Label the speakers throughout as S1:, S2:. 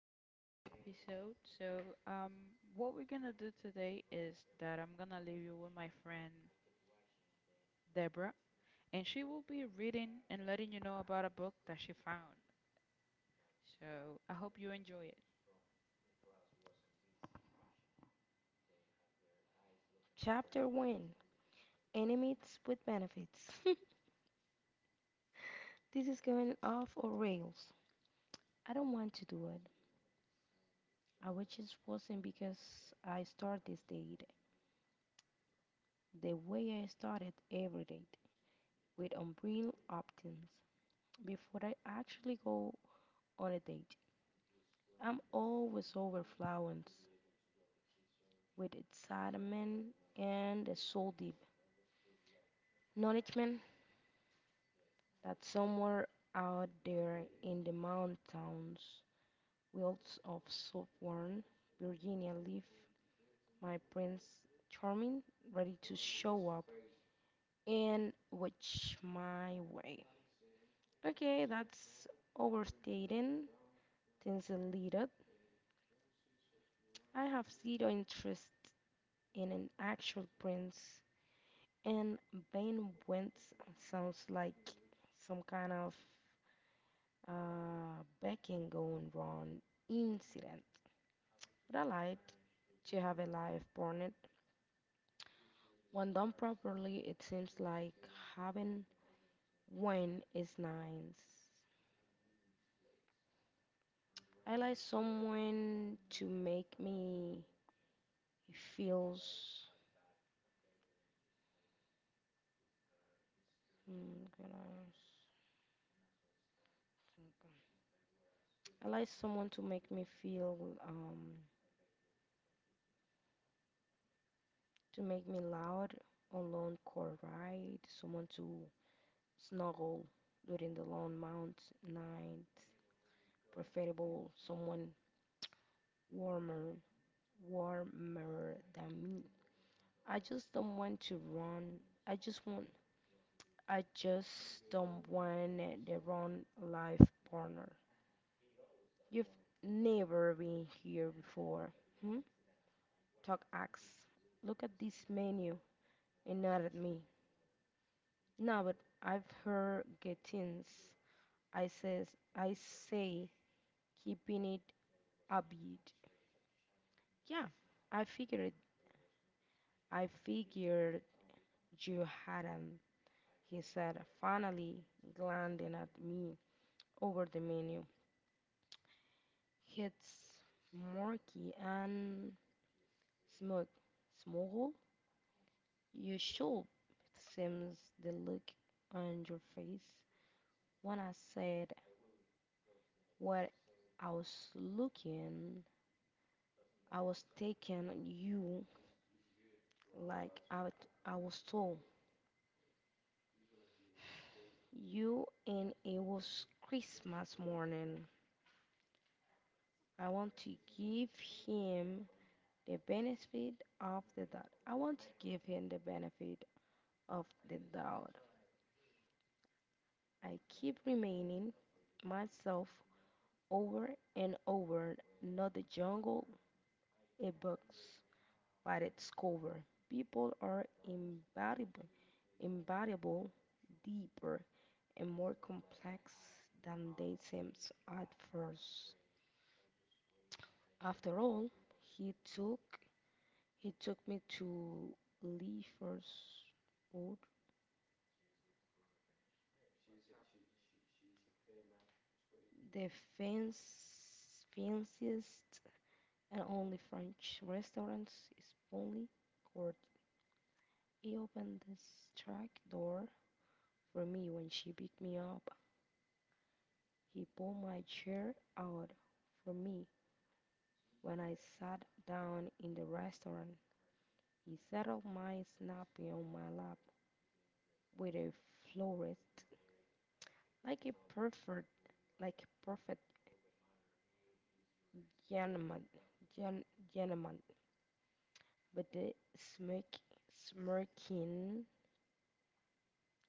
S1: to another episode. So, um, what we're gonna do today is that I'm gonna leave you with my friend Deborah, and she will be reading and letting you know about a book that she found. So, I hope you enjoy it.
S2: Chapter 1, Enemies with Benefits. This is going off our rails. I don't want to do it. I wish it wasn't, because I start this date the way I started every date, with unreal optimism. Before I actually go on a date, I'm always overflowing with excitement and a soul deep acknowledgement that somewhere out there in the mountains Wilds of Southern Virginia leave my Prince Charming ready to show up and watch my way. Okay, that's overstating. Things deleted. I have zero interest in an actual prince, and Ben Wentz sounds like some kind of backing going wrong incident. But I like to have a life, Barnett. When done properly, it seems like having wine is nice. I like someone to make me feels. Can I think? I like someone to make me feel um to make me loud on long car ride. Someone to snuggle during the long mount night. Preferable someone warmer warmer than me. I just don't want to run. I just want I just don't want the wrong life partner. You've never been here before. Hmm? Talk acts. Look at this menu and not at me. No, but I've heard gettings. I says I say keeping it upbeat. Yeah, I figured I figured you hadn't, he said, finally glancing at me over the menu. It's murky and Smirk, Smoggle, you should. Seems the look on your face when I said what I was looking, I was taking you like I was told. You and it was Christmas morning. I want to give him the benefit of the doubt. I want to give him the benefit of the doubt. I keep remaining myself over and over, not the jungle, a box, but its cover. People are invaluable, deeper, and more complex than they seem at first. After all, he took he took me to Leifer's Road, the fence, fanciest and only French restaurants is only court. He opened the track door for me when she picked me up. He pulled my chair out for me when I sat down in the restaurant. He settled my snappy on my lap with a florist like a perfect like a perfect gentleman gen, gentleman with the smirk smirking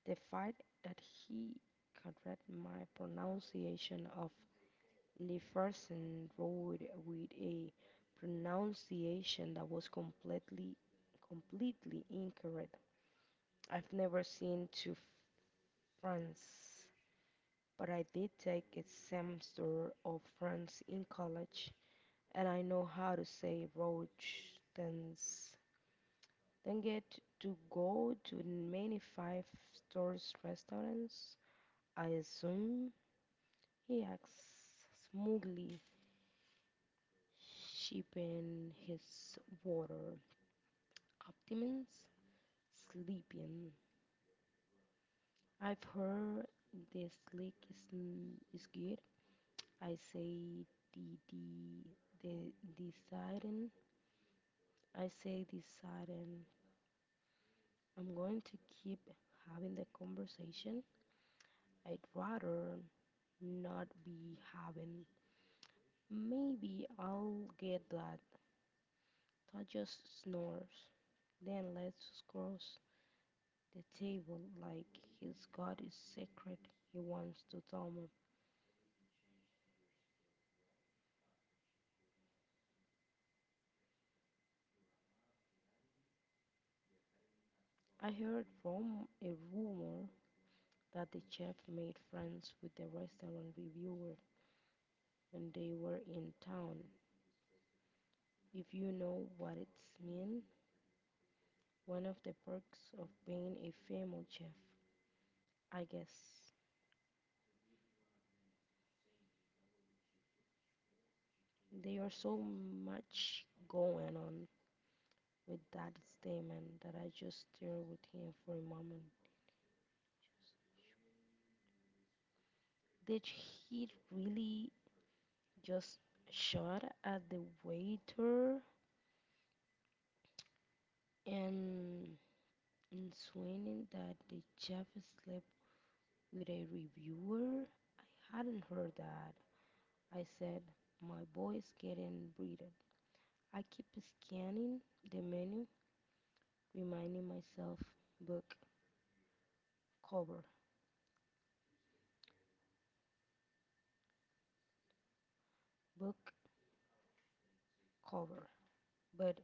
S2: the fact that he corrected my pronunciation of Jefferson wrote with a pronunciation that was completely incorrect. I've never seen to France, but I did take a semester of France in college, and I know how to say Rojtens. Then get to go to many five-star restaurants, I assume, he asks smugly, sipping his water. Optimans sleeping. I've heard the slick is, is good. I say the the the deciding. I say deciding. I'm going to keep having the conversation I'd rather not be having. Maybe I'll get that. Todd just snores. Then let's cross the table like he's got a secret he wants to tell me. I heard from a rumor that the chef made friends with the restaurant reviewer when they were in town. If you know what it's mean, one of the perks of being a famous chef, I guess. There are so much going on with that statement that I just stared with him for a moment. Did he really just shot at the waiter and insinuating that the chef slept with a reviewer? I hadn't heard that. I said, my boy's getting breeded. I keep scanning the menu, reminding myself book cover, book cover. But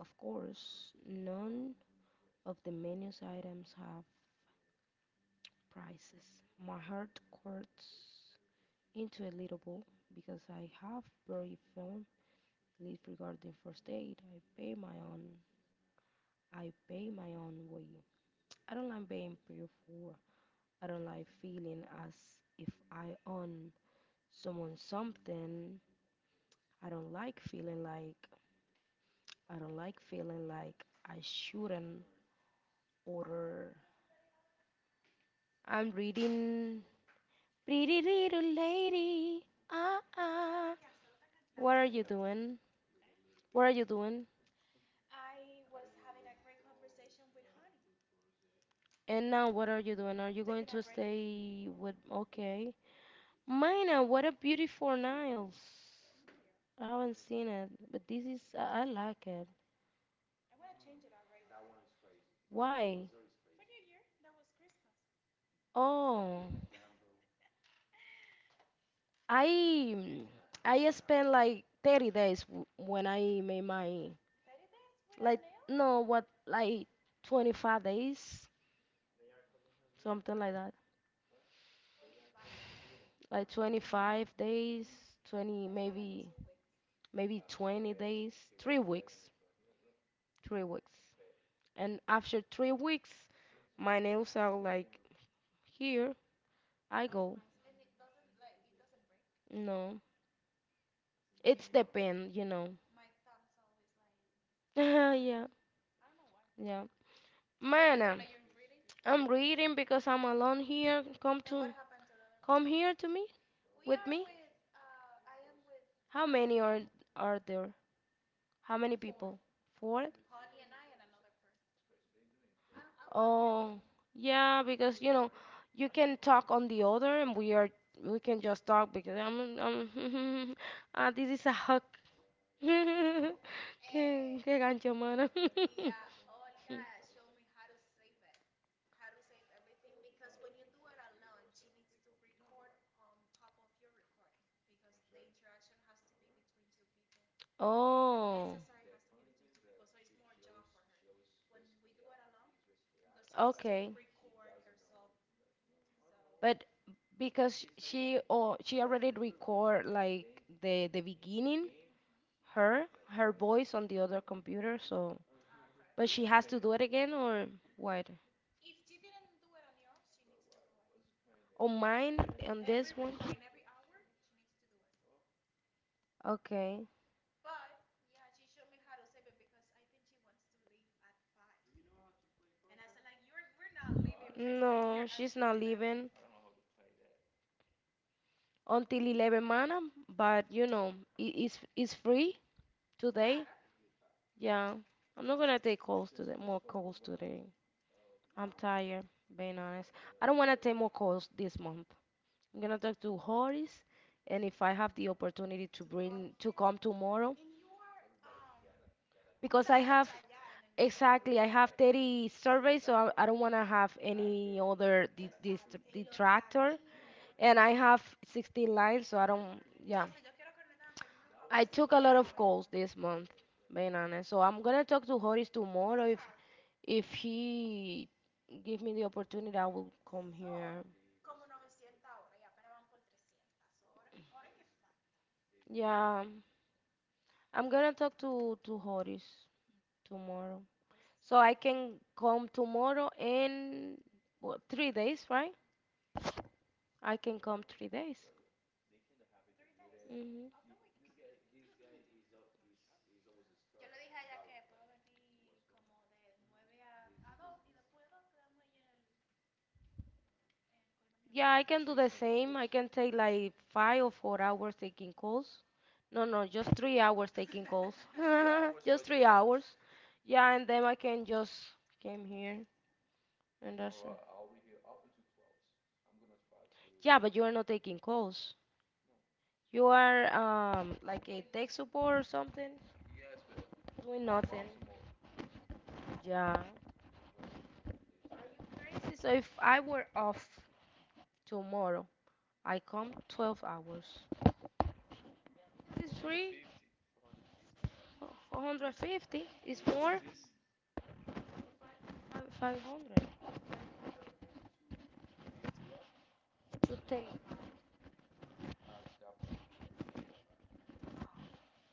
S2: of course, none of the menu's items have prices. My heart quirts into a little ball because I have very firm belief regarding first aid. I pay my own way. I don't like being paid for. I don't like feeling as if I own someone something. I don't like feeling like I don't like feeling like I shouldn't order. I'm reading Pretty Little Lady. Ah ah. What are you doing? What are you doing? And now what are you doing? Are you going to stay with okay. Mina, what a beautiful nails. I haven't seen it, but this is I like it. Why? Oh, I mm, I spent like 30 days when I made my like no what like 25 days, something like that, like 25 days 20 maybe, maybe 20 days 3 weeks, 3 weeks and after 3 weeks my nails are like here. I go no, it's the pen, you know? Yeah, yeah man. I'm reading because I'm alone here. Come here to me? With me? How many are there? How many people? 4 really. Oh, yeah, because you know, you can talk on the other and we can just talk because I'm ah, this is a hug. Eh, Qué, qué gancho, mano. Oh, okay. But because she, oh, she already record like the beginning, her her voice on the other computer. So, but she has to do it again, or what? On mine, on this one. Okay, no, she's not leaving until 11, mana. But you know, it's free today. Yeah, I'm not gonna take calls today more calls today. I'm tired, being honest. I don't want to take more calls this month. I'm gonna talk to Horace, and if I have the opportunity to bring to come tomorrow, because I have, exactly, I have 30 surveys, so I don't wanna have any other detractor, and I have 16 lines, so I don't. Yeah, I took a lot of calls this month, being honest. So I'm gonna talk to Horace tomorrow, if he give me the opportunity, I will come here. Yeah, I'm gonna talk to Horace tomorrow. So I can come tomorrow in, what, 3 days, right? I can come 3 days. Hmm. Yeah, I can do the same. I can take like 5 or 4 hours taking calls. No, no, just 3 hours taking calls. Just 3 hours. Yeah, and then I can just came here and that's it. Yeah, but you are not taking calls. You are like a tech support or something, doing nothing. Yeah. So if I were off tomorrow, I come 12 hours. This is free. 450 is more. I 500 to 10.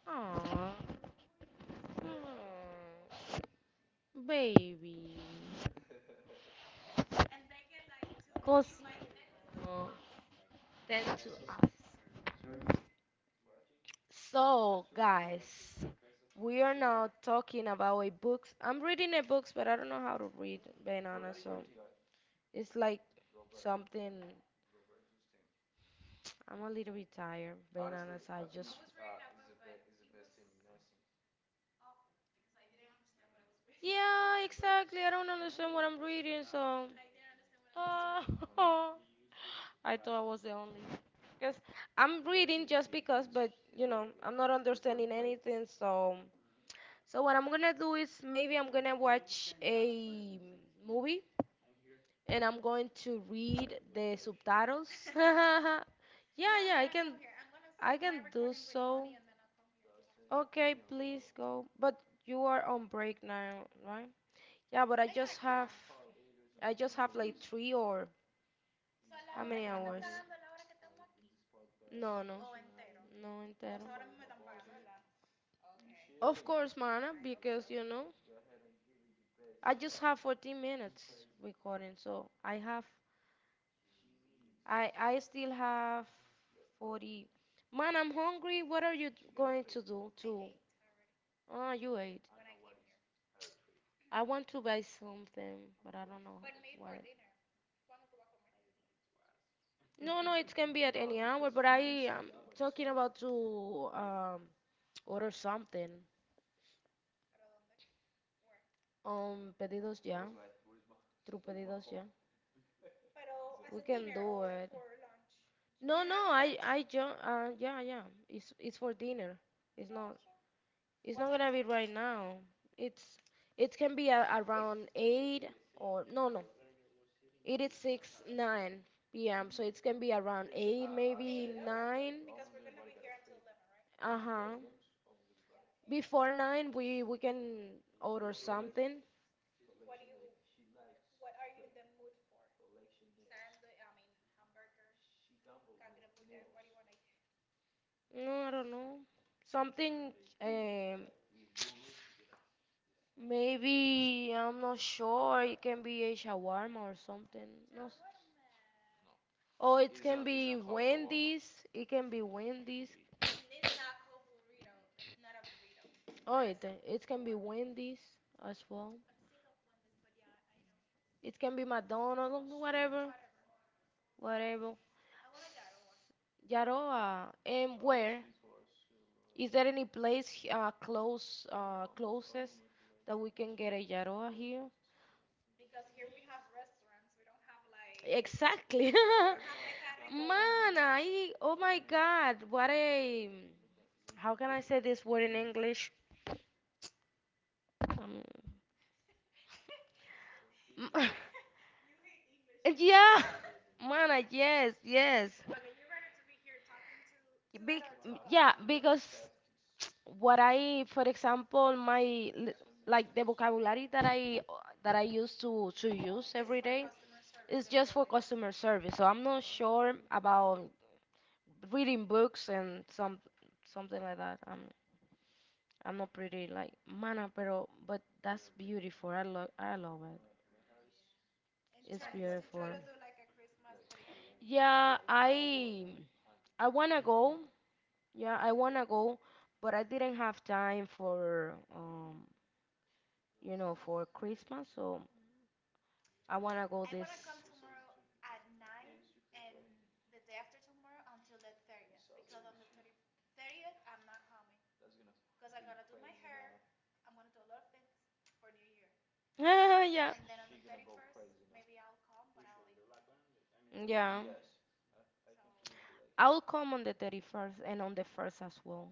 S2: Aww. Mm. Baby. Cause uh, 10 to us. So, guys, we are now talking about a book. I'm reading a book, but I don't know how to read, being honest. So, it's like something. I'm a little bit tired, being honest. I just. Yeah, exactly. I don't understand what I'm reading, so. Uh, I thought I was the only. Because I'm reading just because, but you know, I'm not understanding anything. So, so what I'm gonna do is maybe I'm gonna watch a movie and I'm going to read the subtitles. Yeah, yeah, I can, I can do so. Okay, please go. But you are on break now, right? Yeah, but I just have like three or, how many hours? No. No, entero. Of course, Mana, because you know, I just have 14 minutes recording, so I still have 40. Man, I'm hungry. What are you going to do to? Oh, you ate. I want to buy something, but I don't know what. No, no, it can be at any hour, but I am talking about to order something on Pedidos Ya, through Pedidos Ya. We can do it. No, yeah, no, dinner jo yeah, yeah. It's for dinner. It's not, it's not. What gonna be time? Right now. It's, it can be a, around eight or, no, no. It is 6:9 p.m. So it can be around eight, maybe nine. Uh-huh. Before nine, we can order something. No, I don't know. Something um maybe. I'm not sure. It can be a shawarma or something. No. Oh, it can be Wendy's. It can be Wendy's. Oh, it can be Wendy's as well. It can be McDonald's, whatever, whatever. Yaroa, and where? Is there any place closest that we can get a Yaroa here? Exactly. We don't have. Man, I, oh my God, what a, how can I say this word in English? Um, You hate. Yeah, Mana, yes, yes. Big, yeah, because what I, for example, like the vocabulary that I used to use every day is just for customer service. So I'm not sure about reading books and something like that. I'm not pretty like mana, pero but that's beautiful. I love it. It's beautiful. Yeah, I. I wanna go. Yeah, I wanna go, but I didn't have time for you know, for Christmas, so I wanna go this. Yeah. Yeah. I'll come on the 31st and on the 1st as well.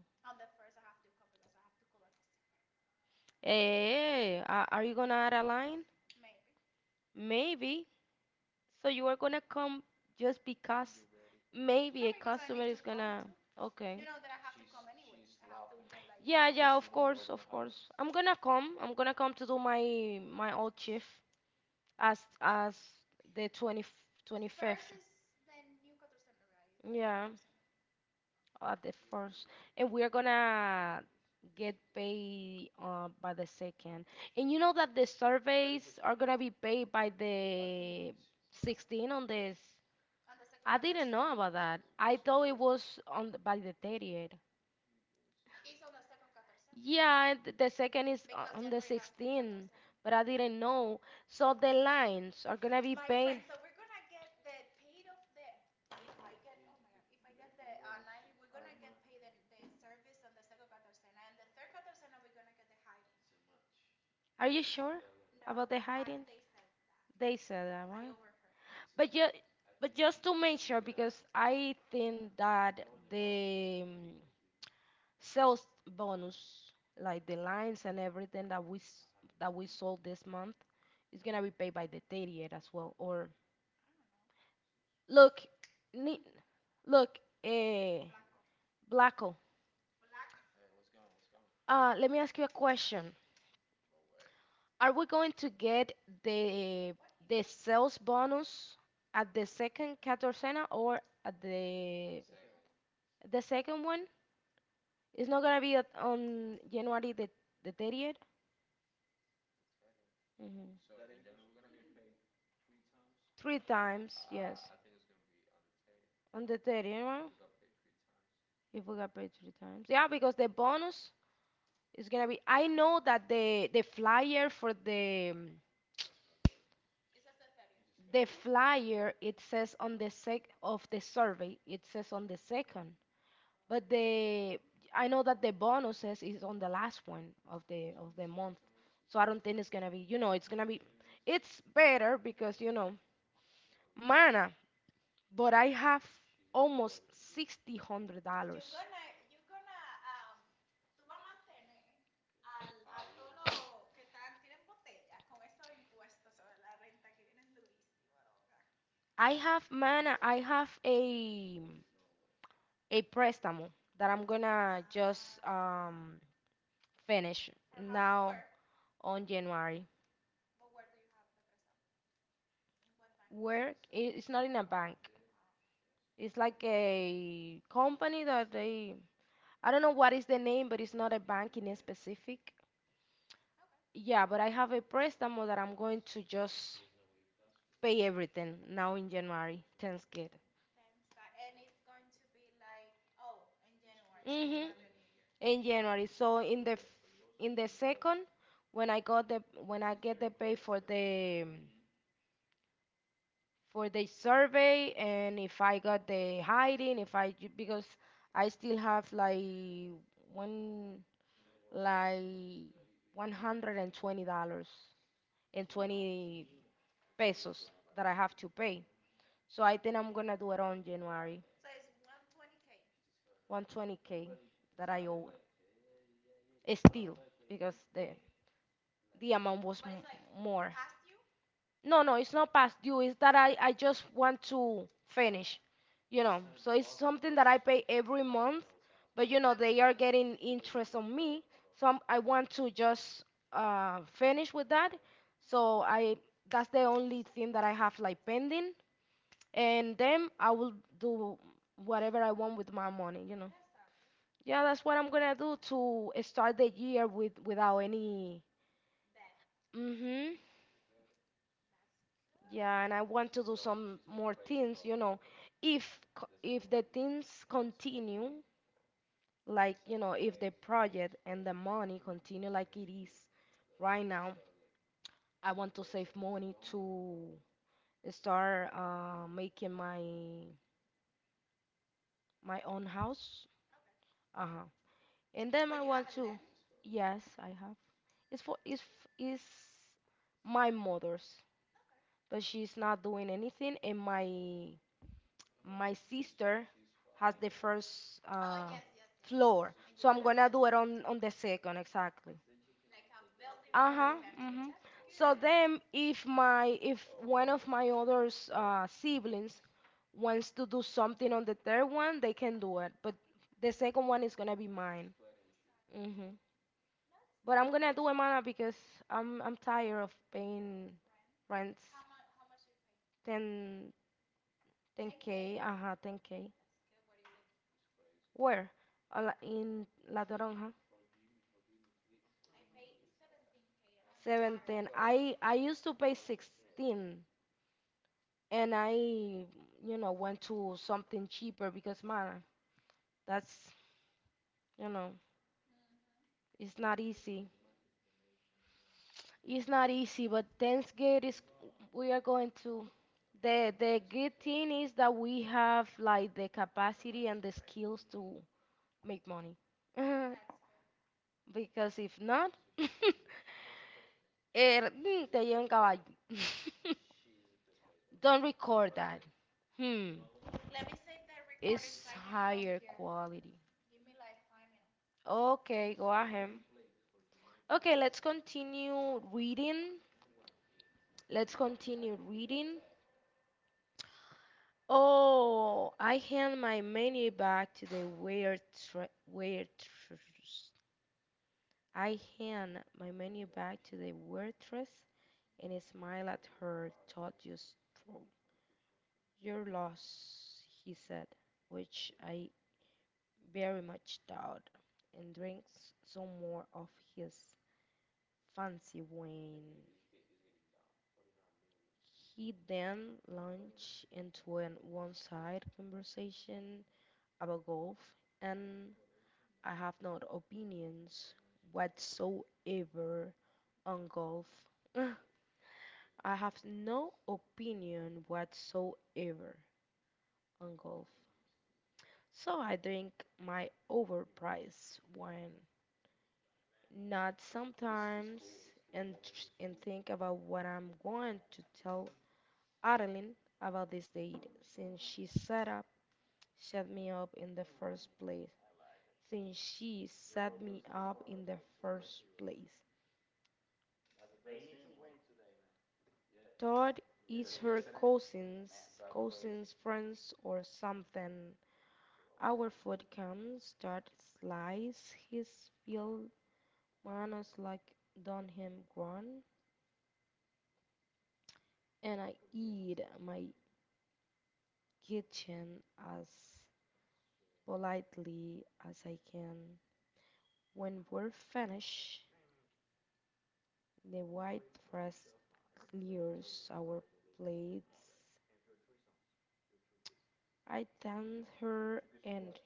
S2: Hey, are you gonna add a line? Maybe. So you are gonna come just because maybe a customer is gonna. Okay. Yeah, yeah, of course, of course. I'm gonna come. I'm gonna come to do my old shift as the 20, 25th. Yeah, at the first, and we're gonna get paid by the second. And you know that the surveys are gonna be paid by the 16 on this. I didn't know about that. I thought it was on by the 30th. Yeah, and the second is on the 16th, but I didn't know. So the lines are gonna be paid. Are you sure about the hiding? They said that, right? But ju but just to make sure, because I think that the sales bonus, like the lines and everything that that we sold this month, is gonna be paid by the 30th as well, or... Look, ni- look, eh, Blacko. Let me ask you a question. Are we going to get the the sales bonus at the second Catorcena or at the second one? It's not gonna be at, on January the 30th. Hmm. Three times, yes. On the 30th, right? If we got paid three times, yeah, because the bonus is gonna be. I know that the flyer for the... The flyer, it says on the sec of the survey it says on the second, but the... I know that the bonuses is on the last one of the month, so I don't think it's gonna be it's gonna be... It's better because mana, but I have almost $6000. I have mana. I have a préstamo that I'm gonna just finish now. On January. Where i- it's not in a bank. It's like a company that they... I don't know what is the name, but it's not a bank in a specific. Yeah, but I have a préstamo that I'm going to just pay everything now in January. Thanks, God. Mhm. In January. So in in the second, when I got the when I get the pay for the survey and if I got the hiding, if I ju- because I still have like one, like $120 and 20 pesos that I have to pay. So I think I'm gonna do it on January. 120k that I owe, still, because the amount was more. No, no, it's not past due. It's that I just want to finish, you know. So it's something that I pay every month, but you know they are getting interest on me, so I want to just finish with that. So I... that's the only thing that I have like pending, and then I will do whatever I want with my money, you know. Yeah, that's what I'm gonna do, to start the year with without any. Mhm. Yeah, and I want to do some more things, you know. If the things continue, like, you know, if the project and the money continue like it is right now, I want to save money to start making my own house. Uh-huh. And then I want to... Yes, I have. It's for it's my mother's, but she's not doing anything, and my sister has the first floor, so I'm gonna do it on the second exactly. Uh huh. So then, if my if one of my other siblings wants to do something on the third one, they can do it, but the second one is gonna be mine. Hmm. But I'm gonna do it, mana, because I'm tired of paying rents. ten ten k. Uh huh, 10k. Where? In La Toronja. 17. I used to pay 16 and I, you know, went to something cheaper because man, that's, you know, it's not easy. It's not easy, but Thanksgiving is... we are going to... the good thing is that we have like the capacity and the skills to make money. Because if not, te llevan caballo. Don't record that. Hmm. It's higher quality. Okay, go ahead. Okay, let's continue reading. Let's continue reading. Oh, I hand my menu back to the waitress. I hand my menu back to the waitress and smile at her thoughtless stroll. Your loss, he said, which I very much doubt, and drinks some more of his fancy when he then launched into an one-sided conversation about golf, and I have no opinions whatsoever on golf. I have no opinion whatsoever on golf. So I drink my overpriced wine, not sometimes, and, and think about what I'm going to tell Adeline about this date since she set up shut me up in the first place since she set me up in the first place. Todd is her cousins, cousins friends or something. Our food comes. Todd slices his field manners like done him grown, and I eat my kitchen as politely as I can. When we're finished, the white frost clears our plates. I thanked her, and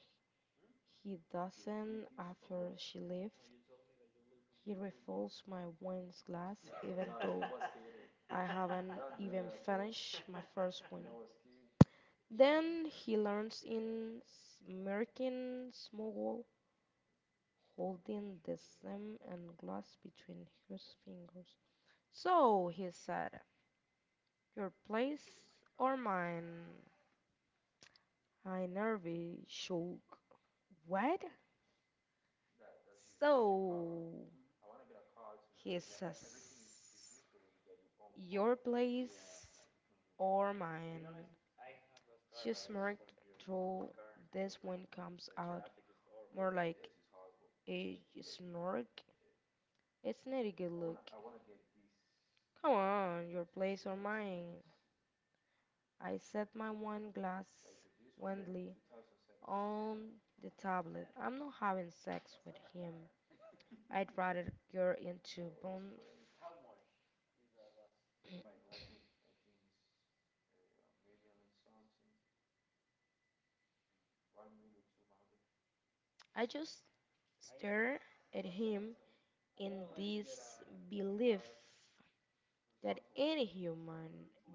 S2: he doesn't after she left. He refills my wine glass, even though I haven't even finished my first one. Then he learns in smirking smuggle, holding the stem and glass between his fingers. So, he said, your place or mine? I nervy shook. What? So he says, your place or mine? She smirked through this one comes out more like a snork. It's not a good look. Come on, your place or mine. I set my one glass Wendley on the tablet. I'm not having sex with him. I'd rather get into bone. I just stare at him in this belief that any human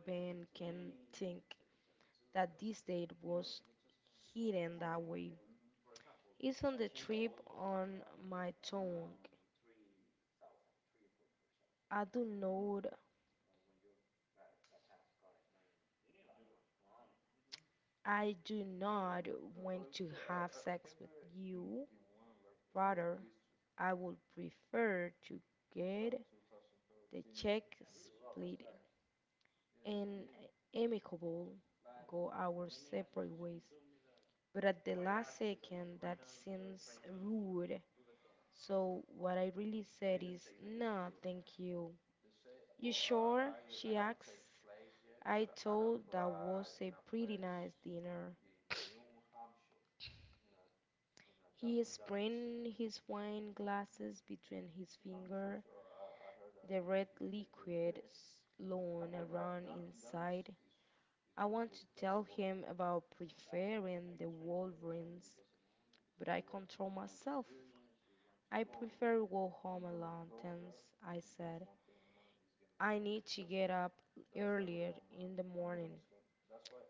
S2: being can think that this date was hidden that way. It's on the trip on my tongue. I do not I do not want to have sex with you. Rather, I would prefer to get the check split and amicable go our separate ways. But at the last second that seems rude. So what I really said is, nah, thank you. You sure? She asks. I told that was a pretty nice dinner. He spread his wine glasses between his finger, the red liquid slowing around inside. I want to tell him about preferring the Wolverines, but I control myself. I prefer go home alone, Tense, I said. I need to get up earlier in the morning.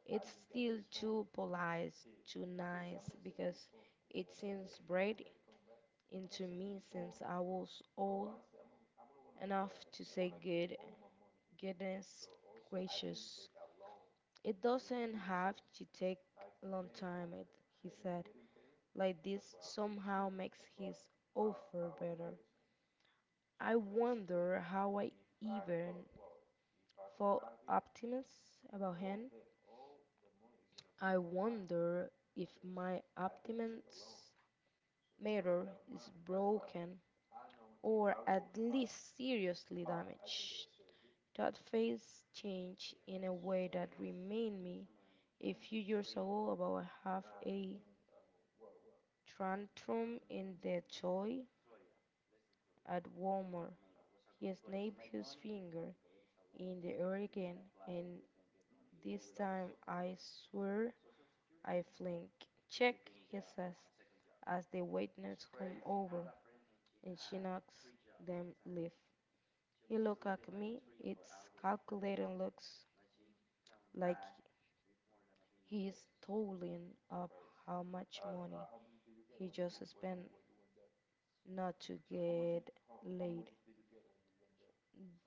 S2: It's still too polite, too nice, because it seems bred into me since I was old enough to say goodness gracious. It doesn't have to take a long time, it, he said. Like this somehow makes his offer better. I wonder how I even for optimists about him. I wonder if my optimist mirror is broken or at least seriously damaged. That face changed in a way that reminded me a few years ago about I a tantrum in the toy at Walmart. He snapped his finger in the air again, and this time I swear I flinch. Check, he says, as the waiters come over and she knocks them leave. He look at me, it's calculating looks like he's totaling up how much money he just spent not to get laid.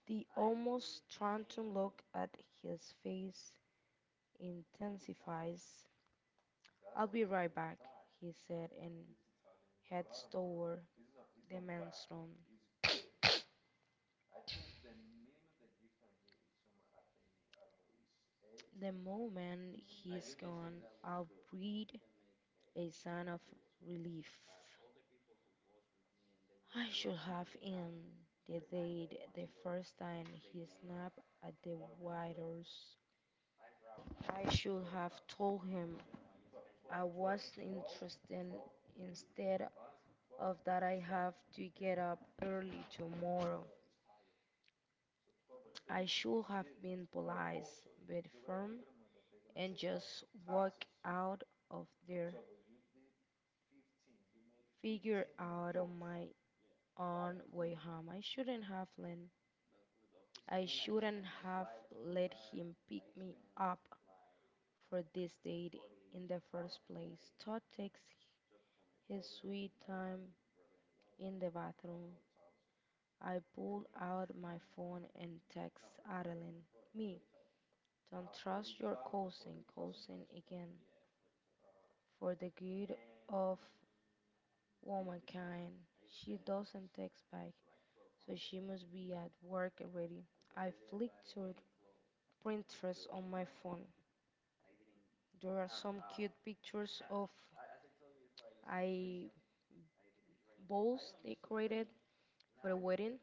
S2: The almost taunting look at his face intensifies. I'll be right back, he said, and heads toward the men's room. The moment he's gone, I'll breathe a sigh of relief. I should have in the date the first time he snapped at the waiters. I should have told him I was interested instead of that I have to get up early tomorrow. I should have been polite but firm and just walk out of there. Figure out of my on way home. I shouldn't have let him pick me up for this date in the first place. Todd takes his sweet time in the bathroom. I pull out my phone and text Adeline. Me, don't trust your cousin again. For the good of womankind, she doesn't text back, so she must be at work already. I flick through Pinterest on my phone. There are some cute pictures of I balls decorated for a wedding.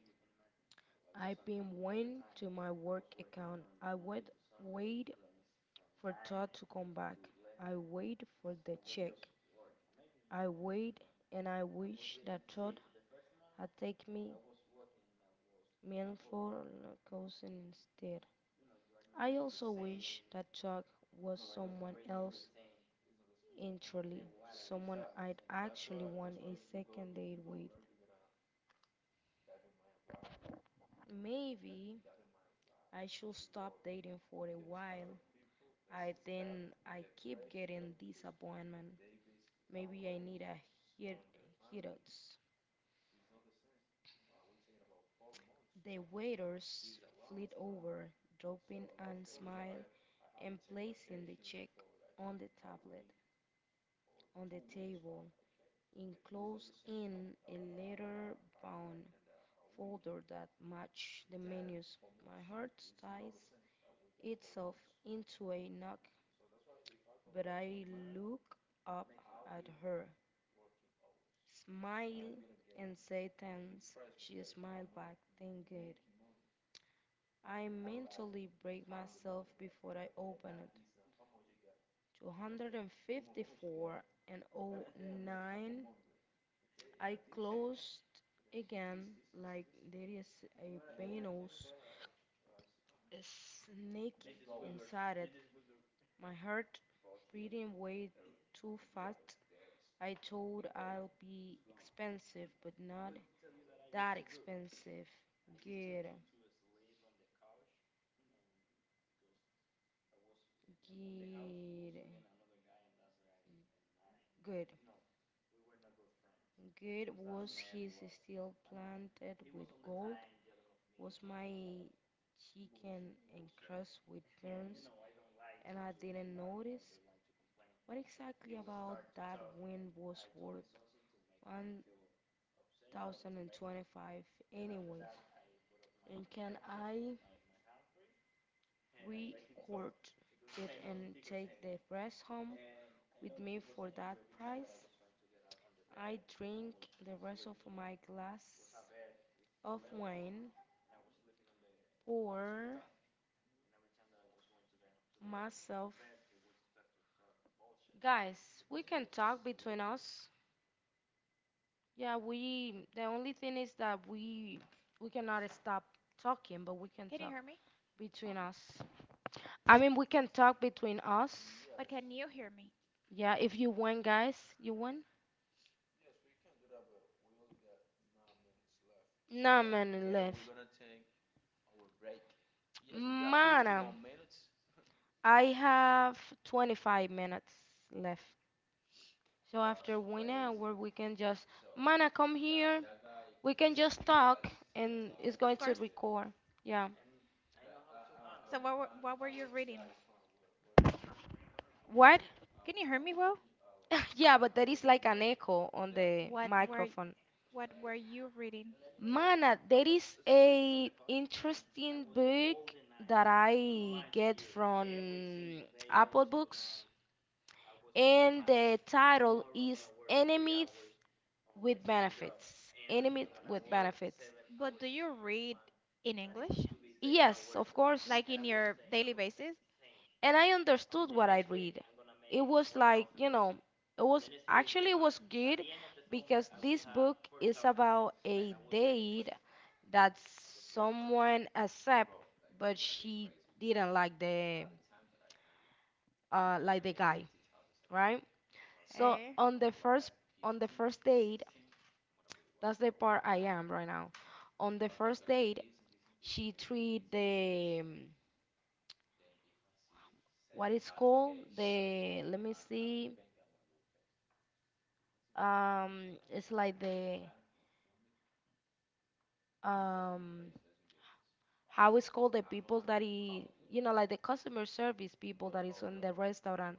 S2: I pinned one to my work account. I would wait for Todd to come back. I wait for the check. I wait and I wish that Todd had taken me meal for a cousin instead. I also wish that Todd was someone else entirely, someone I'd actually want a second date with. Maybe I should stop dating for a while. I think I keep getting disappointment. Maybe I need a hit hit. The waiters fleet over, dropping and smile and placing the check on the table, enclosed in a leather bound folder that matched the menus. My heart ties itself into a knot. But I look up at her, smile, and say thanks. She smiled back, thank God. I mentally break myself before I open it. 254 and 54 and oh nine. I closed again like there is a venomous snake inside it. My heart breathing way too fast. I thought I'll be expensive, but not that expensive. Get it. Get it. Good. Good was his steel planted with gold, was my chicken encrusted with burns, and I didn't notice. What exactly about that win was worth 1,025 anyways? And can I We court it and take the breast home with me for that price. I drink the rest of my glass of wine for myself. Guys, we can talk between us. Yeah, we the only thing is that we cannot stop talking, but we can
S1: Can you
S2: talk
S1: hear me?
S2: between us. I mean, we can talk between us.
S1: But can you hear me?
S2: Yeah, if you win, guys, you win. Nah, man, left. Mana, I have 25 minutes left. So after one hour, we can just, Mana, come here. We can just talk and it's
S1: Of
S2: going to
S1: course.
S2: record. Yeah.
S1: So what were you reading?
S2: What?
S1: Can you hear me well?
S2: Yeah, but there is like an echo on the
S1: What were
S2: microphone.
S1: what were you reading?
S2: Mana, there is a interesting book that I get from Apple Books, and the title is Enemies with benefits. Enemy with benefits.
S1: But do you read in English?
S2: Yes, of course.
S1: Like in your daily basis?
S2: And I understood what I read. It was like, you know, it was actually it was good because this book is about a date that someone accept but she didn't like the guy, right? So
S1: Hey.
S2: on the first date, that's the part I am right now. On the first date, she treat the, what it's called, the, let me see, it's like the, um how it's called, the people that he, you know, like the customer service people that is on the restaurant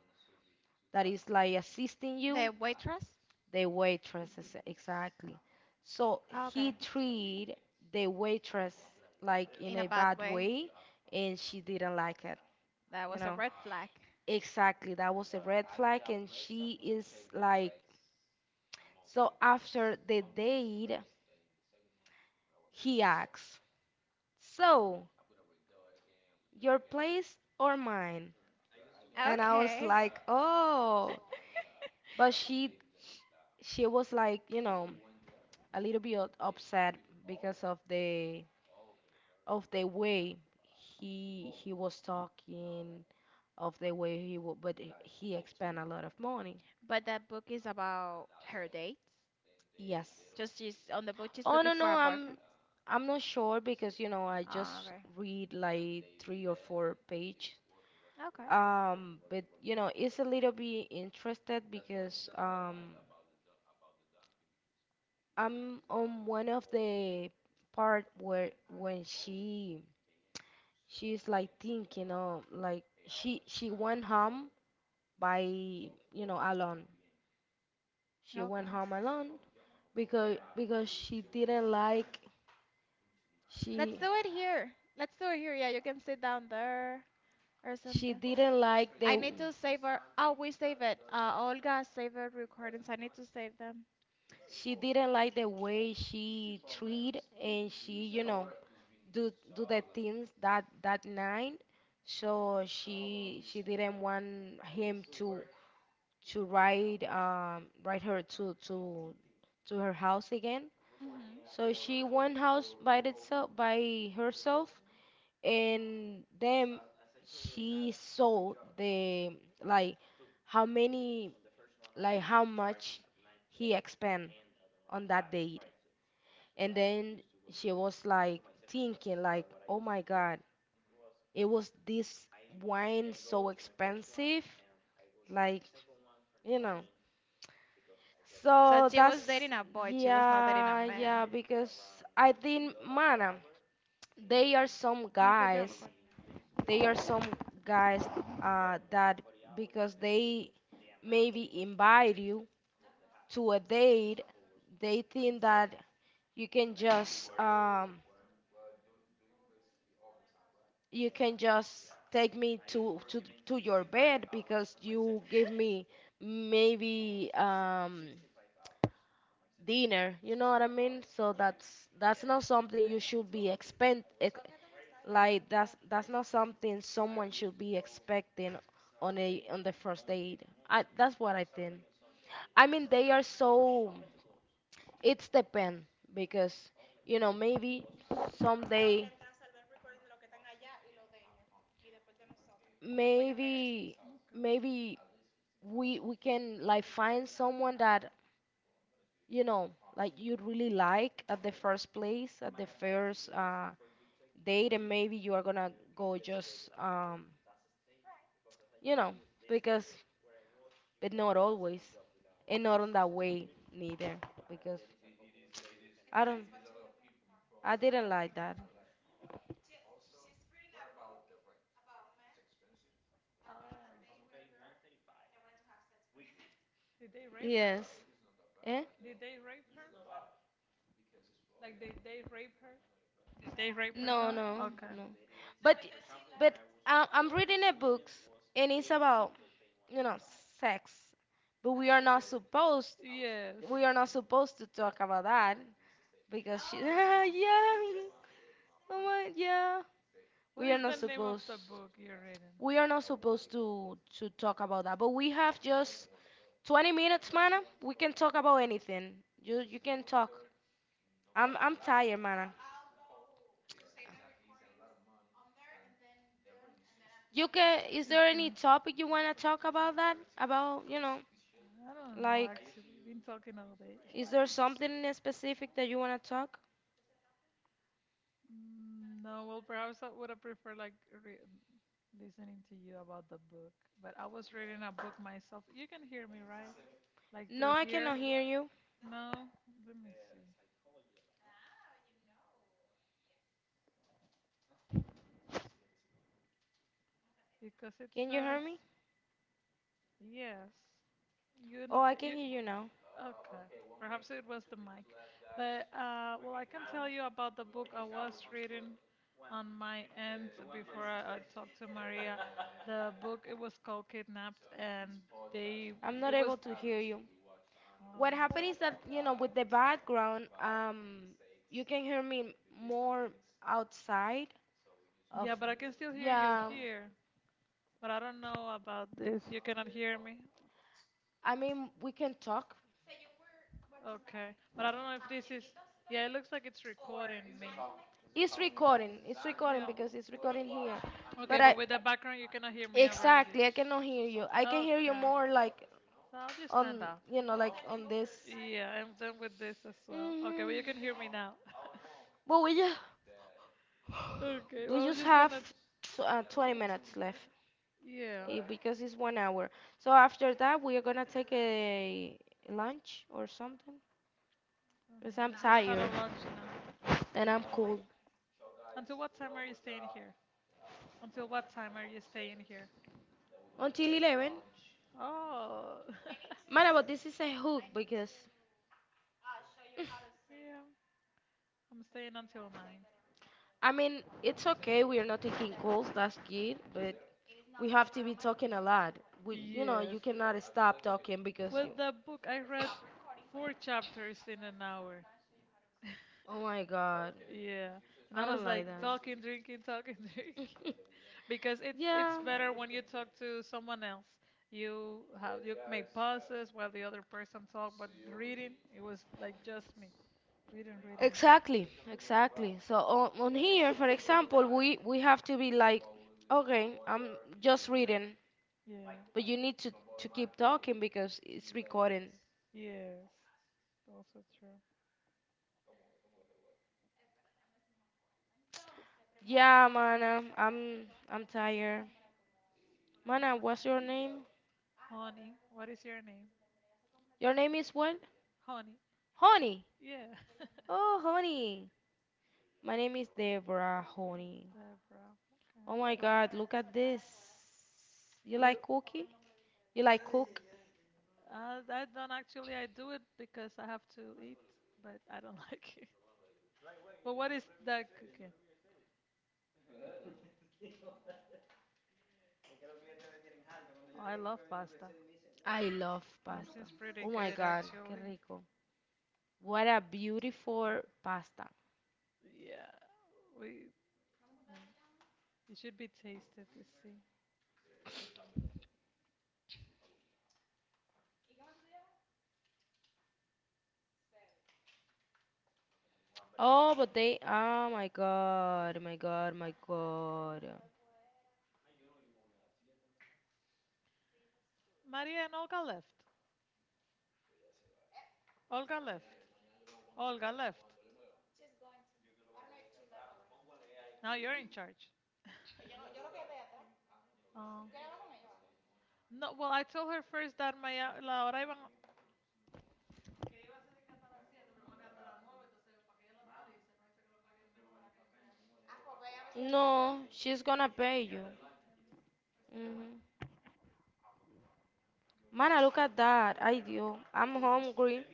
S2: that is like assisting you,
S1: The waitress?
S2: the waitresses exactly. So
S1: Oh,
S2: he
S1: okay.
S2: treat the waitress like in
S1: In a
S2: a
S1: bad
S2: bad
S1: way.
S2: way, and she didn't like it,
S1: That
S2: you
S1: was a
S2: know,
S1: red flag.
S2: exactly. That was a red flag, and she is like, so after the date, he asks, "So, your place or mine?" And I was
S1: Okay.
S2: like, "Oh." But she was like, you know, a little bit upset because of the way he was talking, of the way he would, but he spent a lot of money.
S1: But that book is about her dates.
S2: Yes.
S1: Just she's on the book, she's
S2: Oh,
S1: looking
S2: no,
S1: for
S2: no,
S1: a
S2: I'm
S1: boyfriend.
S2: I'm not sure because, you know, I
S1: Ah,
S2: just
S1: okay.
S2: read like three or four page.
S1: Okay.
S2: But, you know, it's a little bit interested because, I'm on one of the part where, when she's like thinking of like, she went home by, you know, alone. She went
S1: Okay.
S2: home alone because she didn't like,
S1: Let's
S2: she
S1: do it here. Let's do it here. Yeah, you can sit down there or
S2: she
S1: something.
S2: didn't like
S1: I
S2: the
S1: need to save our. Oh, we save it. Olga saved her recordings. I need to save them.
S2: she didn't like the way she treated, and she, you know, do the things that, that night. So she didn't want him to, ride, ride her to her house again.
S1: hmm
S2: So she went house by herself. And then she saw the, like, how many like how much he expend on that date. And then she was like thinking like, "Oh my God, it was this wine so expensive." Like, you know.
S1: So
S2: So
S1: she was
S2: that's,
S1: dating a boy. She was not dating a
S2: yeah, yeah.
S1: man.
S2: Because I think, man, they are some
S1: You put your
S2: guys,
S1: record?
S2: they are some guys that because they maybe invite you to a date, they think that you can just, you can just take me to your bed because you give me maybe, dinner, you know what I mean. So that's, not something you should be like that's not something someone should be expecting on a on the first date. I That's what I think. I mean, they are, it's depend. Because, you know, maybe someday, maybe, maybe we can like find someone that, you know, like you really like at the first date. And maybe you are gonna go just, you know. Because, but not always, and not on that way neither, because I don't I didn't like that.
S1: Did they rape her?
S2: Yes. eh
S1: Did they rape her? Like did they rape her? Is they Raper, her
S2: no,
S1: now?
S2: no,
S1: Okay.
S2: no, but but I'm reading a books, and it's about, you know, sex. But
S1: Yes.
S2: we are not supposed to talk about that, because she yeah. Oh my, yeah.
S1: What
S2: We are
S1: is
S2: not
S1: the name of
S2: supposed
S1: the book you're reading?
S2: we are not supposed to, talk about that. But we have just 20 minutes, Mana. We can talk about anything. You can talk. I'm tired, Mana. You can is there any
S1: Okay.
S2: topic you want to talk about that? About,
S1: I don't know,
S2: like,
S1: actually. We've been talking all day.
S2: is there something in specific that you want to talk?
S1: No, well, perhaps I would have preferred like re- listening to you about the book. But I was reading a book myself. You can hear me, right? Like
S2: No,
S1: through
S2: I
S1: here?
S2: cannot hear you.
S1: No? Let me see. Because it
S2: Can you hear
S1: says,
S2: me?
S1: yes. You know,
S2: Oh, I can
S1: you,
S2: hear you now.
S1: Okay, perhaps it was the mic. But well, I can tell you about the book I was reading on my end before I talked to Maria. The book it was called Kidnapped, and they
S2: I'm not
S1: it was
S2: able to hear you. What happened
S1: oh
S2: is that, you know, with the background, you can hear me more outside of,
S1: yeah, but I can still hear you
S2: yeah,
S1: here. But I don't know about this. You cannot hear me.
S2: I mean, we can talk.
S1: Okay, but I don't know if this is yeah. It looks like it's recording me.
S2: It's recording. It's recording
S1: Yeah.
S2: because it's recording here.
S1: Okay,
S2: But
S1: but with the background, you cannot hear me over here.
S2: exactly, I cannot hear you. I can hear you
S1: Okay,
S2: more like
S1: so I'll just stand
S2: on,
S1: up.
S2: like on this.
S1: Yeah, I'm done with this as well. Okay, but
S2: hmm
S1: you can hear me now.
S2: But
S1: Okay,
S2: we
S1: well, we're
S2: just
S1: just
S2: have
S1: gonna.
S2: 20 minutes left.
S1: Yeah, I
S2: Because it's one hour. So after that, we are gonna take a lunch or something,
S1: don't
S2: because
S1: know.
S2: I'm
S1: I just had a
S2: tired
S1: lunch now.
S2: and I'm cold.
S1: Until what time are you staying here? Until what time are you staying here?
S2: Until 11.
S1: Oh,
S2: Man, but this is a hook because,
S1: yeah, I'm staying until 9.
S2: I mean, it's okay, we are not taking calls, that's good, but we have to be talking a lot. We, you know,
S1: Yes.
S2: you cannot stop talking because you,
S1: With the book, I read four chapters in an hour.
S2: oh my God,
S1: Yeah, and
S2: I
S1: I
S2: don't
S1: was
S2: like
S1: like
S2: that.
S1: talking, drinking, talking, drinking. Because it's
S2: Yeah,
S1: better when you talk to someone else. You make pauses while the other person talk, but reading it was like just me reading.
S2: exactly, exactly. So on here, for example, we have to be like, okay, I'm just reading.
S1: Yeah,
S2: But you need to keep talking because it's recording.
S1: yes, also true.
S2: Yeah, Mana, I'm tired. Mana, what's your name?
S1: Honey, what is your name?
S2: Your name is what?
S1: Honey.
S2: Honey.
S1: Yeah,
S2: Oh, Honey. My name is Deborah Honey.
S1: Deborah.
S2: Oh
S1: Okay,
S2: my
S1: cool.
S2: God, look at this. You
S1: You,
S2: like cookie? You like cook?
S1: I don't actually. I do it because I have to eat, but I don't like it. But what is that cooking? Oh, I love pasta.
S2: I love
S1: That
S2: pasta.
S1: seems pretty
S2: Oh my
S1: good,
S2: God, qué
S1: actually.
S2: rico. What a beautiful pasta.
S1: Yeah, we Oh, it should be tasted to see.
S2: Oh, but they, oh my God, my God, my God.
S1: Maria and Olga left. Olga left. Olga left. Now you're in charge. Oh. No, well, I told her first that Maya, la hora
S2: No, she's gonna pay you. Mhm. Mana, look at that. I do. I'm hungry.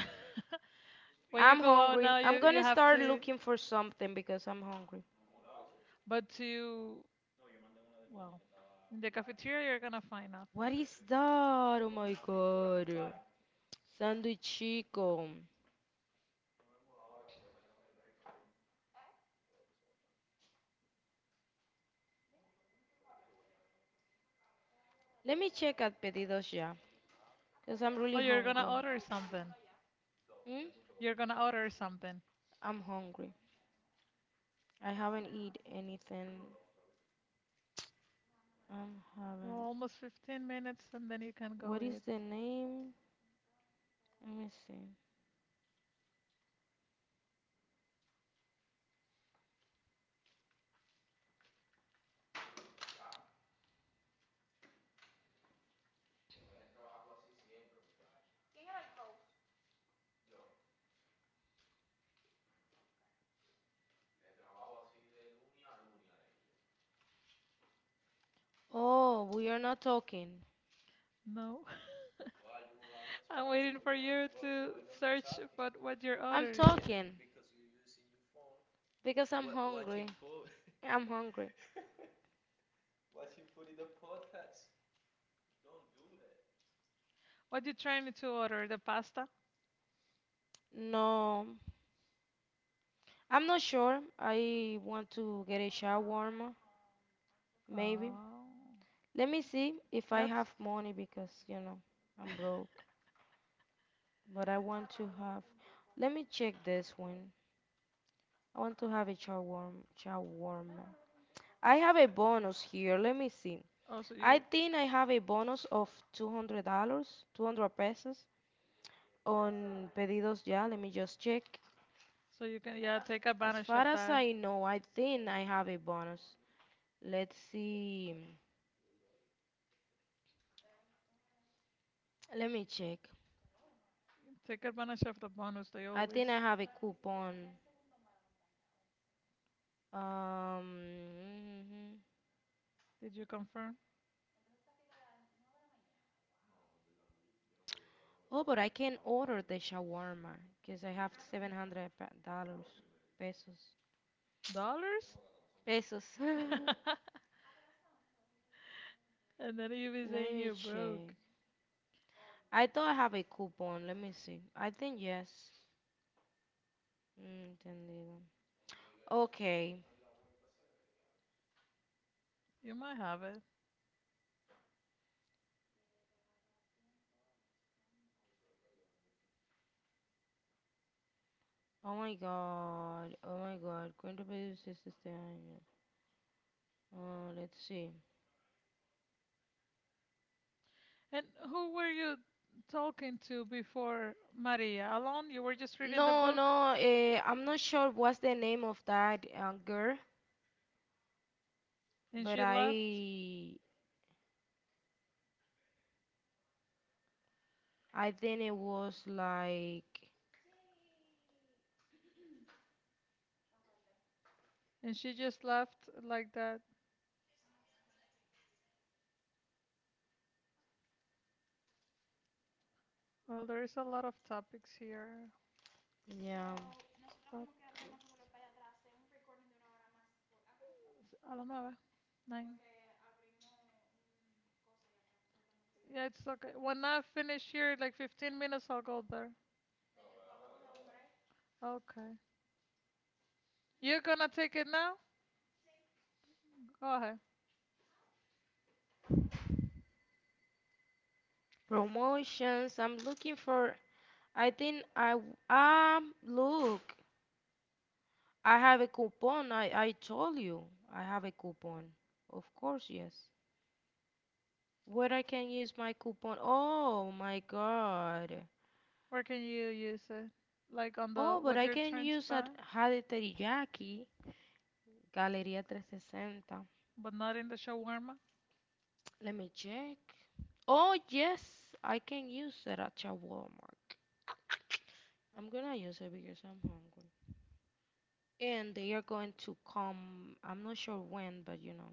S1: iban- when you
S2: I'm
S1: go out
S2: hungry.
S1: now, you,
S2: I'm
S1: you
S2: gonna
S1: have
S2: start
S1: to,
S2: looking for something because I'm hungry.
S1: but to, well, in the cafeteria, you're gonna find nothing.
S2: What is that? Oh my God. Sandwich chico. Let me check at Pedidos Ya because I'm
S1: Oh,
S2: really
S1: you're gonna
S2: hungry.
S1: order something.
S2: Hmm?
S1: You're gonna order something.
S2: I'm hungry. I haven't eat anything. I'm
S1: Well,
S2: having.
S1: almost 15 minutes, and then you can go
S2: What is
S1: eat.
S2: the name? Let me see. Oh, we are not talking.
S1: No, I'm waiting for you to search for what you're
S2: I'm
S1: ordering.
S2: talking because I'm hungry. I'm hungry.
S1: What you trying to order? The pasta?
S2: No, I'm not sure. I want to get a shawarma, maybe.
S1: Oh,
S2: Let me see if I
S1: that's
S2: have money because, you know, I'm broke. But I want to have. Let me check this one. I want to have a shawarma. Shawarma. I have a bonus here. Let me see.
S1: oh,
S2: I think I have a bonus of $200, 200 pesos on Pedidos Ya. Let me just check.
S1: so you can yeah take
S2: As
S1: advantage of
S2: far as
S1: that.
S2: I know, I think I have a bonus. Let's see. Let me check.
S1: Take advantage of the bonus they
S2: I think I
S1: always.
S2: have a coupon. Um,
S1: Did you confirm
S2: oh, but I can order the shawarma because I have seven hundred dollars pesos.
S1: dollars?
S2: Pesos. Let
S1: And then you be saying
S2: me
S1: you're broke.
S2: check. I thought I have a coupon. Let me see. I think yes. Mm, Entendido. Okay.
S1: You might have it.
S2: Oh my God. Oh my God. Cuento pedidos este año. Let's see.
S1: And who were you talking to before Maria? Alone? You were just reading the
S2: No,
S1: book,
S2: no, I'm not sure what's the name of that girl,
S1: and
S2: but
S1: she left,
S2: I think it was like,
S1: and she just left like that. Well, there is a lot of topics here.
S2: yeah,
S1: Fuck. I don't know. Nine. Yeah, it's okay. When I finish here, like 15 minutes, I'll go there. Okay. You're gonna take it now? Go ahead.
S2: promotions. I'm looking for. I think look. I have a coupon. I told you I have a coupon. Of course, yes. Where I can use my coupon? Oh my God.
S1: Where can you use it? Like on the
S2: Oh, but
S1: what
S2: I
S1: you're
S2: can
S1: trying to
S2: use
S1: buy,
S2: at Jade Teriyaki Galeria 360.
S1: but not in the shawarma?
S2: Let me check. Oh, yes, I can use that at a Walmart. I'm gonna use it because I'm hungry. And they are going to come, I'm not sure when, but you know,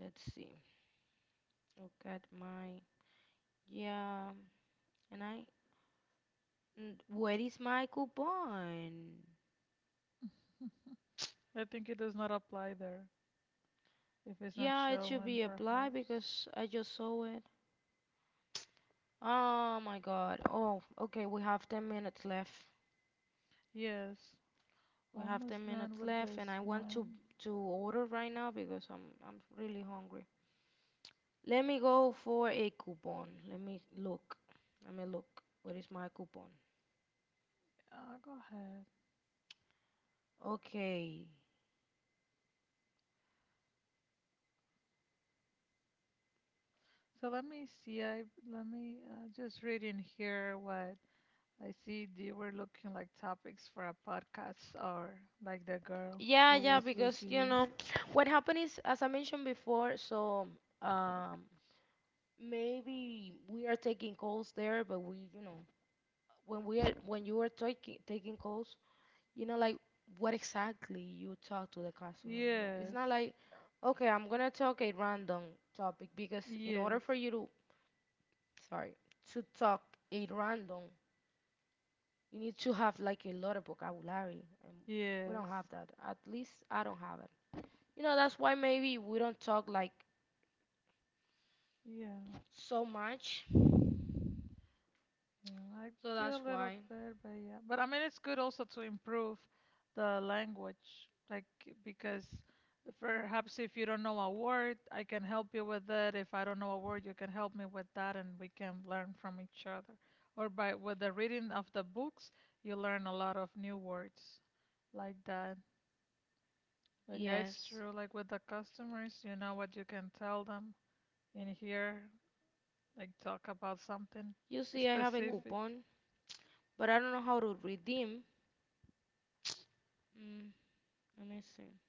S2: let's see. Look at my, yeah, and I. Where is my coupon?
S1: I think it does not apply there. If it's not
S2: Yeah, it should
S1: showing,
S2: be applied
S1: perhaps.
S2: because I just saw it. Oh my God. Oh, okay, we have 10 minutes left.
S1: Yes.
S2: We have 10
S1: Almost done
S2: minutes
S1: with
S2: left, and
S1: this
S2: I want to
S1: one.
S2: to order right now because I'm really hungry. Let me go for a coupon. Let me look. Let me look. Where is my coupon?
S1: Go ahead.
S2: Okay.
S1: So let me see. I let me just read in here what I see they were looking like topics for a podcast or like the girl
S2: Yeah,
S1: who
S2: yeah.
S1: was with
S2: Because, you
S1: you.
S2: know, what happened is, as I mentioned before, so um maybe we are taking calls there, but we, you know, when we are when you are taking calls, you know, like what exactly you talk to the customer. You know? It's
S1: Yes,
S2: not like, okay, I'm gonna talk a random topic. Because in order
S1: yes,
S2: for you to, sorry, to talk a random you need to have like a lot of vocabulary, and we
S1: yes.
S2: don't have that. At least I don't have it. You know, that's why maybe we don't talk like
S1: Yeah,
S2: so much.
S1: yeah. I
S2: So
S1: do
S2: that's
S1: a little
S2: why.
S1: bit, but yeah. But I mean, it's good also to improve the language, like because perhaps if you don't know a word, I can help you with it. If I don't know a word, you can help me with that, and we can learn from each other. Or by with the reading of the books, you learn a lot of new words. Like that. But yeah, it's
S2: Yes.
S1: true. Like with the customers, you know what you can tell them in here, like talk about something
S2: You see, I have a
S1: specific.
S2: coupon, but I don't know how to redeem. Mm, let me see.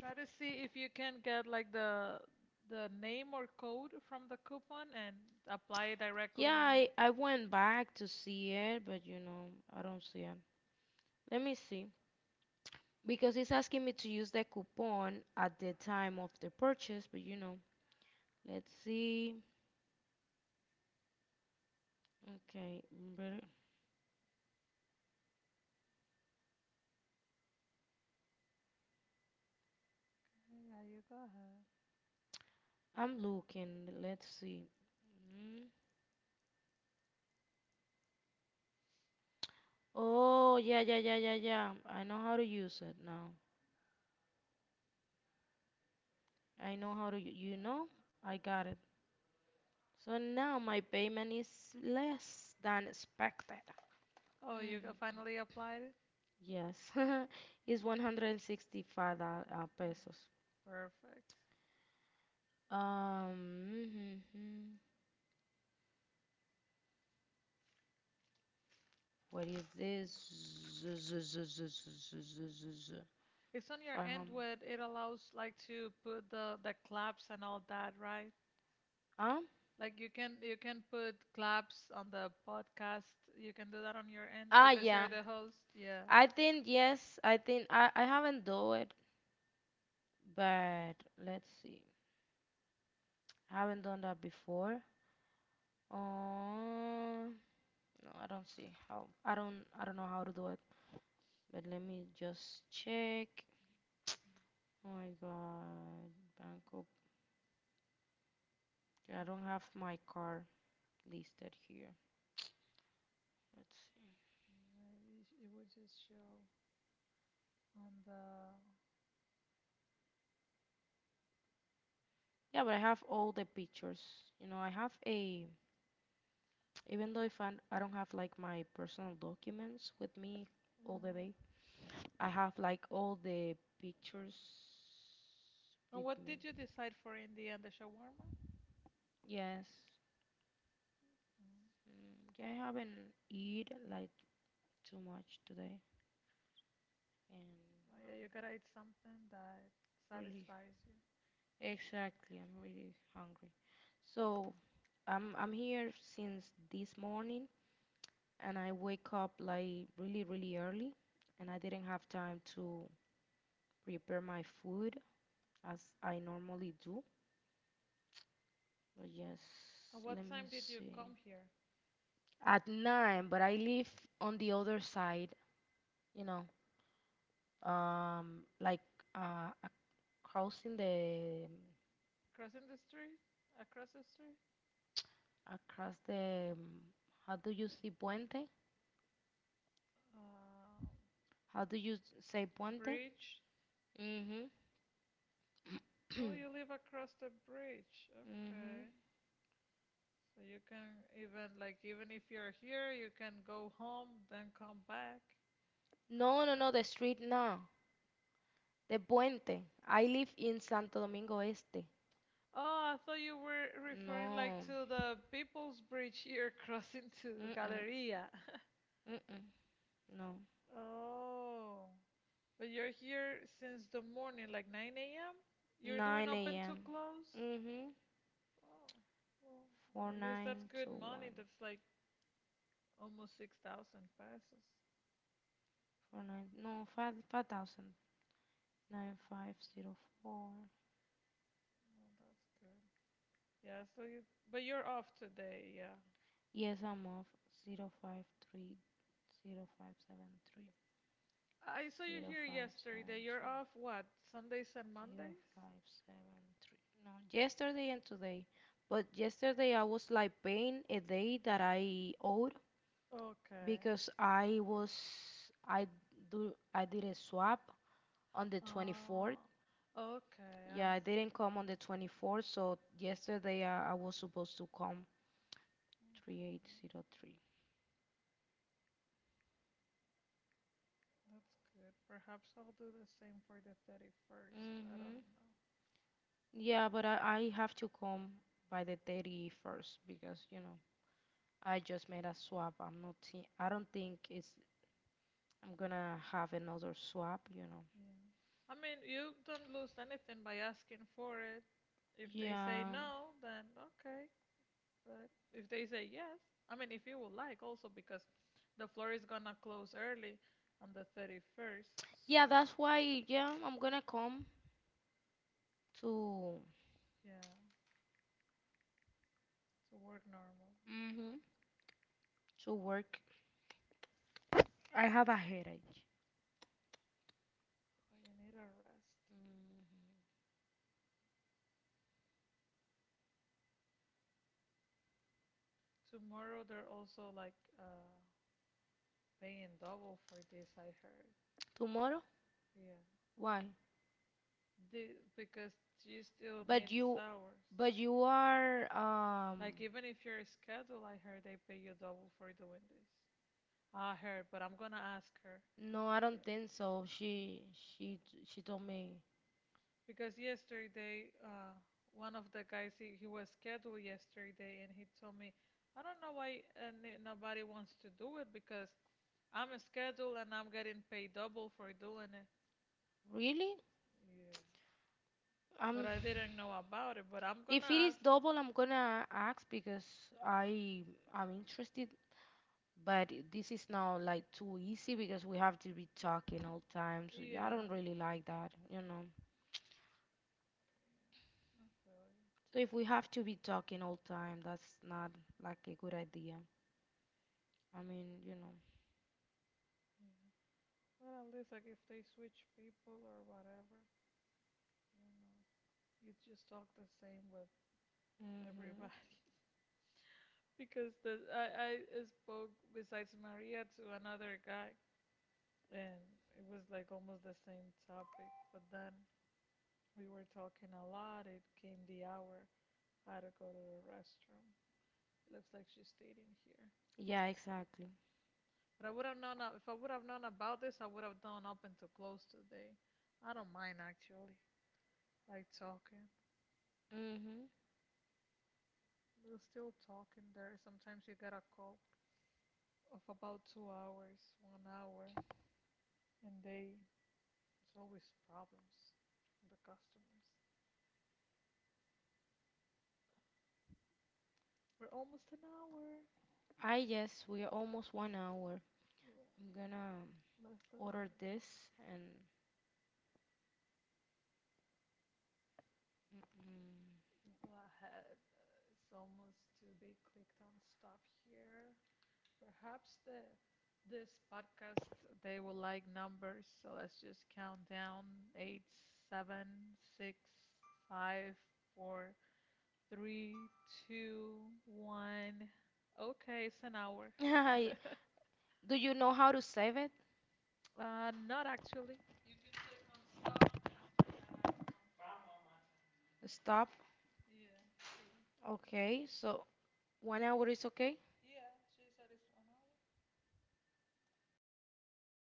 S1: Try to see if you can get like the name or code from the coupon and apply it
S2: Yeah,
S1: directly on the.
S2: I went back to see it, but you know, I don't see it. Let me see. Because it's asking me to use the coupon at the time of the purchase, but you know, let's see. Okay, better
S1: Yeah, you go ahead.
S2: I'm looking. Let's see. Mm. Oh, yeah, yeah, yeah, yeah, yeah. I know how to use it now. I know how to, you know, I got it. So now my payment is less than expected.
S1: Oh, you
S2: hmm
S1: finally applied it?
S2: Yes, it's 165 pesos.
S1: Perfect.
S2: Mhm. What is this?
S1: It's on your end
S2: 500.
S1: with it allows like to put the claps and all that, right?
S2: Huh?
S1: Like you can put claps on the podcast. You can do that on your end
S2: Ah,
S1: because
S2: yeah.
S1: you're the host. Yeah.
S2: I think yes. I think I haven't do it. But let's see. Haven't done that before. Um, no, I don't see how. I don't. I don't know how to do it. But let me just check. Oh my God, Bangkok. I
S1: Good.
S2: don't have my car listed here. Let's see.
S1: Yeah, it would just show on the.
S2: Yeah, but I have all the pictures. You know, I have a. Even though if I don't have like my personal documents with me
S1: Yeah.
S2: all the day, I have like all the pictures
S1: And
S2: with
S1: what
S2: me.
S1: did you decide for in the end, the shawarma?
S2: Yes.
S1: Mm.
S2: Yeah, I haven't eaten like too much today, and
S1: Oh, yeah, you gotta eat something that
S2: really,
S1: satisfies you.
S2: exactly, I'm really hungry. So I'm here since this morning, and I wake up like really really early, and I didn't have time to prepare my food as I normally do. But yes,
S1: At what
S2: let me
S1: time did you
S2: see.
S1: come here?
S2: At nine, but I live on the other side, you know, like, uh, crossing the,
S1: Crossing the street? Across the street?
S2: across the, how do you say puente?
S1: Uh,
S2: How do you say puente?
S1: bridge?
S2: Mhm.
S1: Oh, you live across the bridge.
S2: Mhm.
S1: Okay. So you can even like even if you're here, you can go home, then come back.
S2: No, no, no, the street no. The puente. I live in Santo Domingo Este.
S1: Oh, I thought you were referring like
S2: No.
S1: to the People's Bridge here crossing to
S2: Mm-mm.
S1: Galleria.
S2: Mm-mm. No.
S1: Oh, but you're here since the morning, like 9 a.m.? You're doing
S2: 9
S1: open to
S2: a.m.
S1: close?
S2: Mm-hmm.
S1: Oh, well,
S2: Four
S1: at least that's
S2: nine
S1: good
S2: two
S1: money.
S2: one.
S1: That's like almost 6,000 pesos.
S2: 4 9. No, 5 5,000. 9504.
S1: Oh, that's good. Yeah, so you, but you're off today, yeah.
S2: Yes, I'm off. 0530573.
S1: I saw you
S2: zero
S1: here
S2: five
S1: yesterday.
S2: seven
S1: You're
S2: three
S1: off what? Sundays and
S2: zero
S1: Mondays?
S2: five seven three. No, yesterday and today. But yesterday I was like paying a day that I owed
S1: Okay.
S2: because I was I do I did a swap on the 24th.
S1: Oh, okay.
S2: Yeah,
S1: I
S2: I
S1: see.
S2: didn't come on the 24th, so yesterday I was supposed to come.
S1: Okay.
S2: 3803.
S1: That's good. Perhaps I'll do the same for the 31st. I don't
S2: Mm-hmm.
S1: know.
S2: Yeah, but I have to come by the 31st because, you know, I just made a swap. I'm not. I don't think it's. I'm gonna have another swap. You know.
S1: Yeah. I mean, you don't lose anything by asking for it. If they say
S2: Yeah.
S1: no, then okay. But if they say yes, I mean, if you would like also because the floor is gonna close early on the 31st, so
S2: Yeah. That's why. Yeah. I'm gonna come to.
S1: yeah, to work normally.
S2: Mhm. To work. I have a headache.
S1: I need a rest.
S2: Mm.
S1: Tomorrow they're also like paying double for this, I heard.
S2: Tomorrow?
S1: Yeah.
S2: Why?
S1: The, because she still
S2: But
S1: needs
S2: you.
S1: hours.
S2: But you are.
S1: Like even if you're scheduled, I heard they pay you double for doing this. I heard, but I'm gonna ask her.
S2: No, I
S1: Be-
S2: don't think so. She. She. She told me.
S1: Because yesterday, one of the guys he was scheduled yesterday and he told me, I don't know why nobody wants to do it because I'm scheduled and I'm getting paid double for doing it.
S2: Really?
S1: Yeah. But
S2: Um.
S1: I didn't know about it. But I'm gonna
S2: If it is
S1: ask.
S2: double, I'm gonna ask because I. I'm interested. But this is now like too easy because we have to be talking all time. So yeah, I
S1: Yeah,
S2: don't really like that, you know.
S1: I feel you.
S2: So if we have to be talking all time, that's not like a good idea. I mean, you know.
S1: Yeah. Well, at least like if they switch people or whatever, you know, you just talk the same with
S2: Mhm.
S1: everybody. Because the I spoke besides Maria to another guy, and it was like almost the same topic. But then we were talking a lot. It came the hour. I had to go to the restroom. Looks like she stayed in here.
S2: Yeah, exactly.
S1: But I would have known if I would have known about this, I would have done up until close today. I don't mind actually, like talking.
S2: Mhm.
S1: We're still talking there. Sometimes you get a call of about 2 hours, 1 hour, and they it's always problems from the customers. We're almost an hour.
S2: I guess we are almost one hour.
S1: Yeah,
S2: I'm gonna
S1: less than a
S2: order
S1: minute
S2: this
S1: left.
S2: and.
S1: You go ahead. It's almost to be clicked on stop here. Perhaps the this podcast they will like numbers, so let's just count down eight, seven, six, five, four, three, two, one. Okay, it's an hour.
S2: Mm-mm. Do you know how to save it?
S1: Not actually. You can click on stop.
S2: Stop. Okay, so one hour is okay. Well, I'm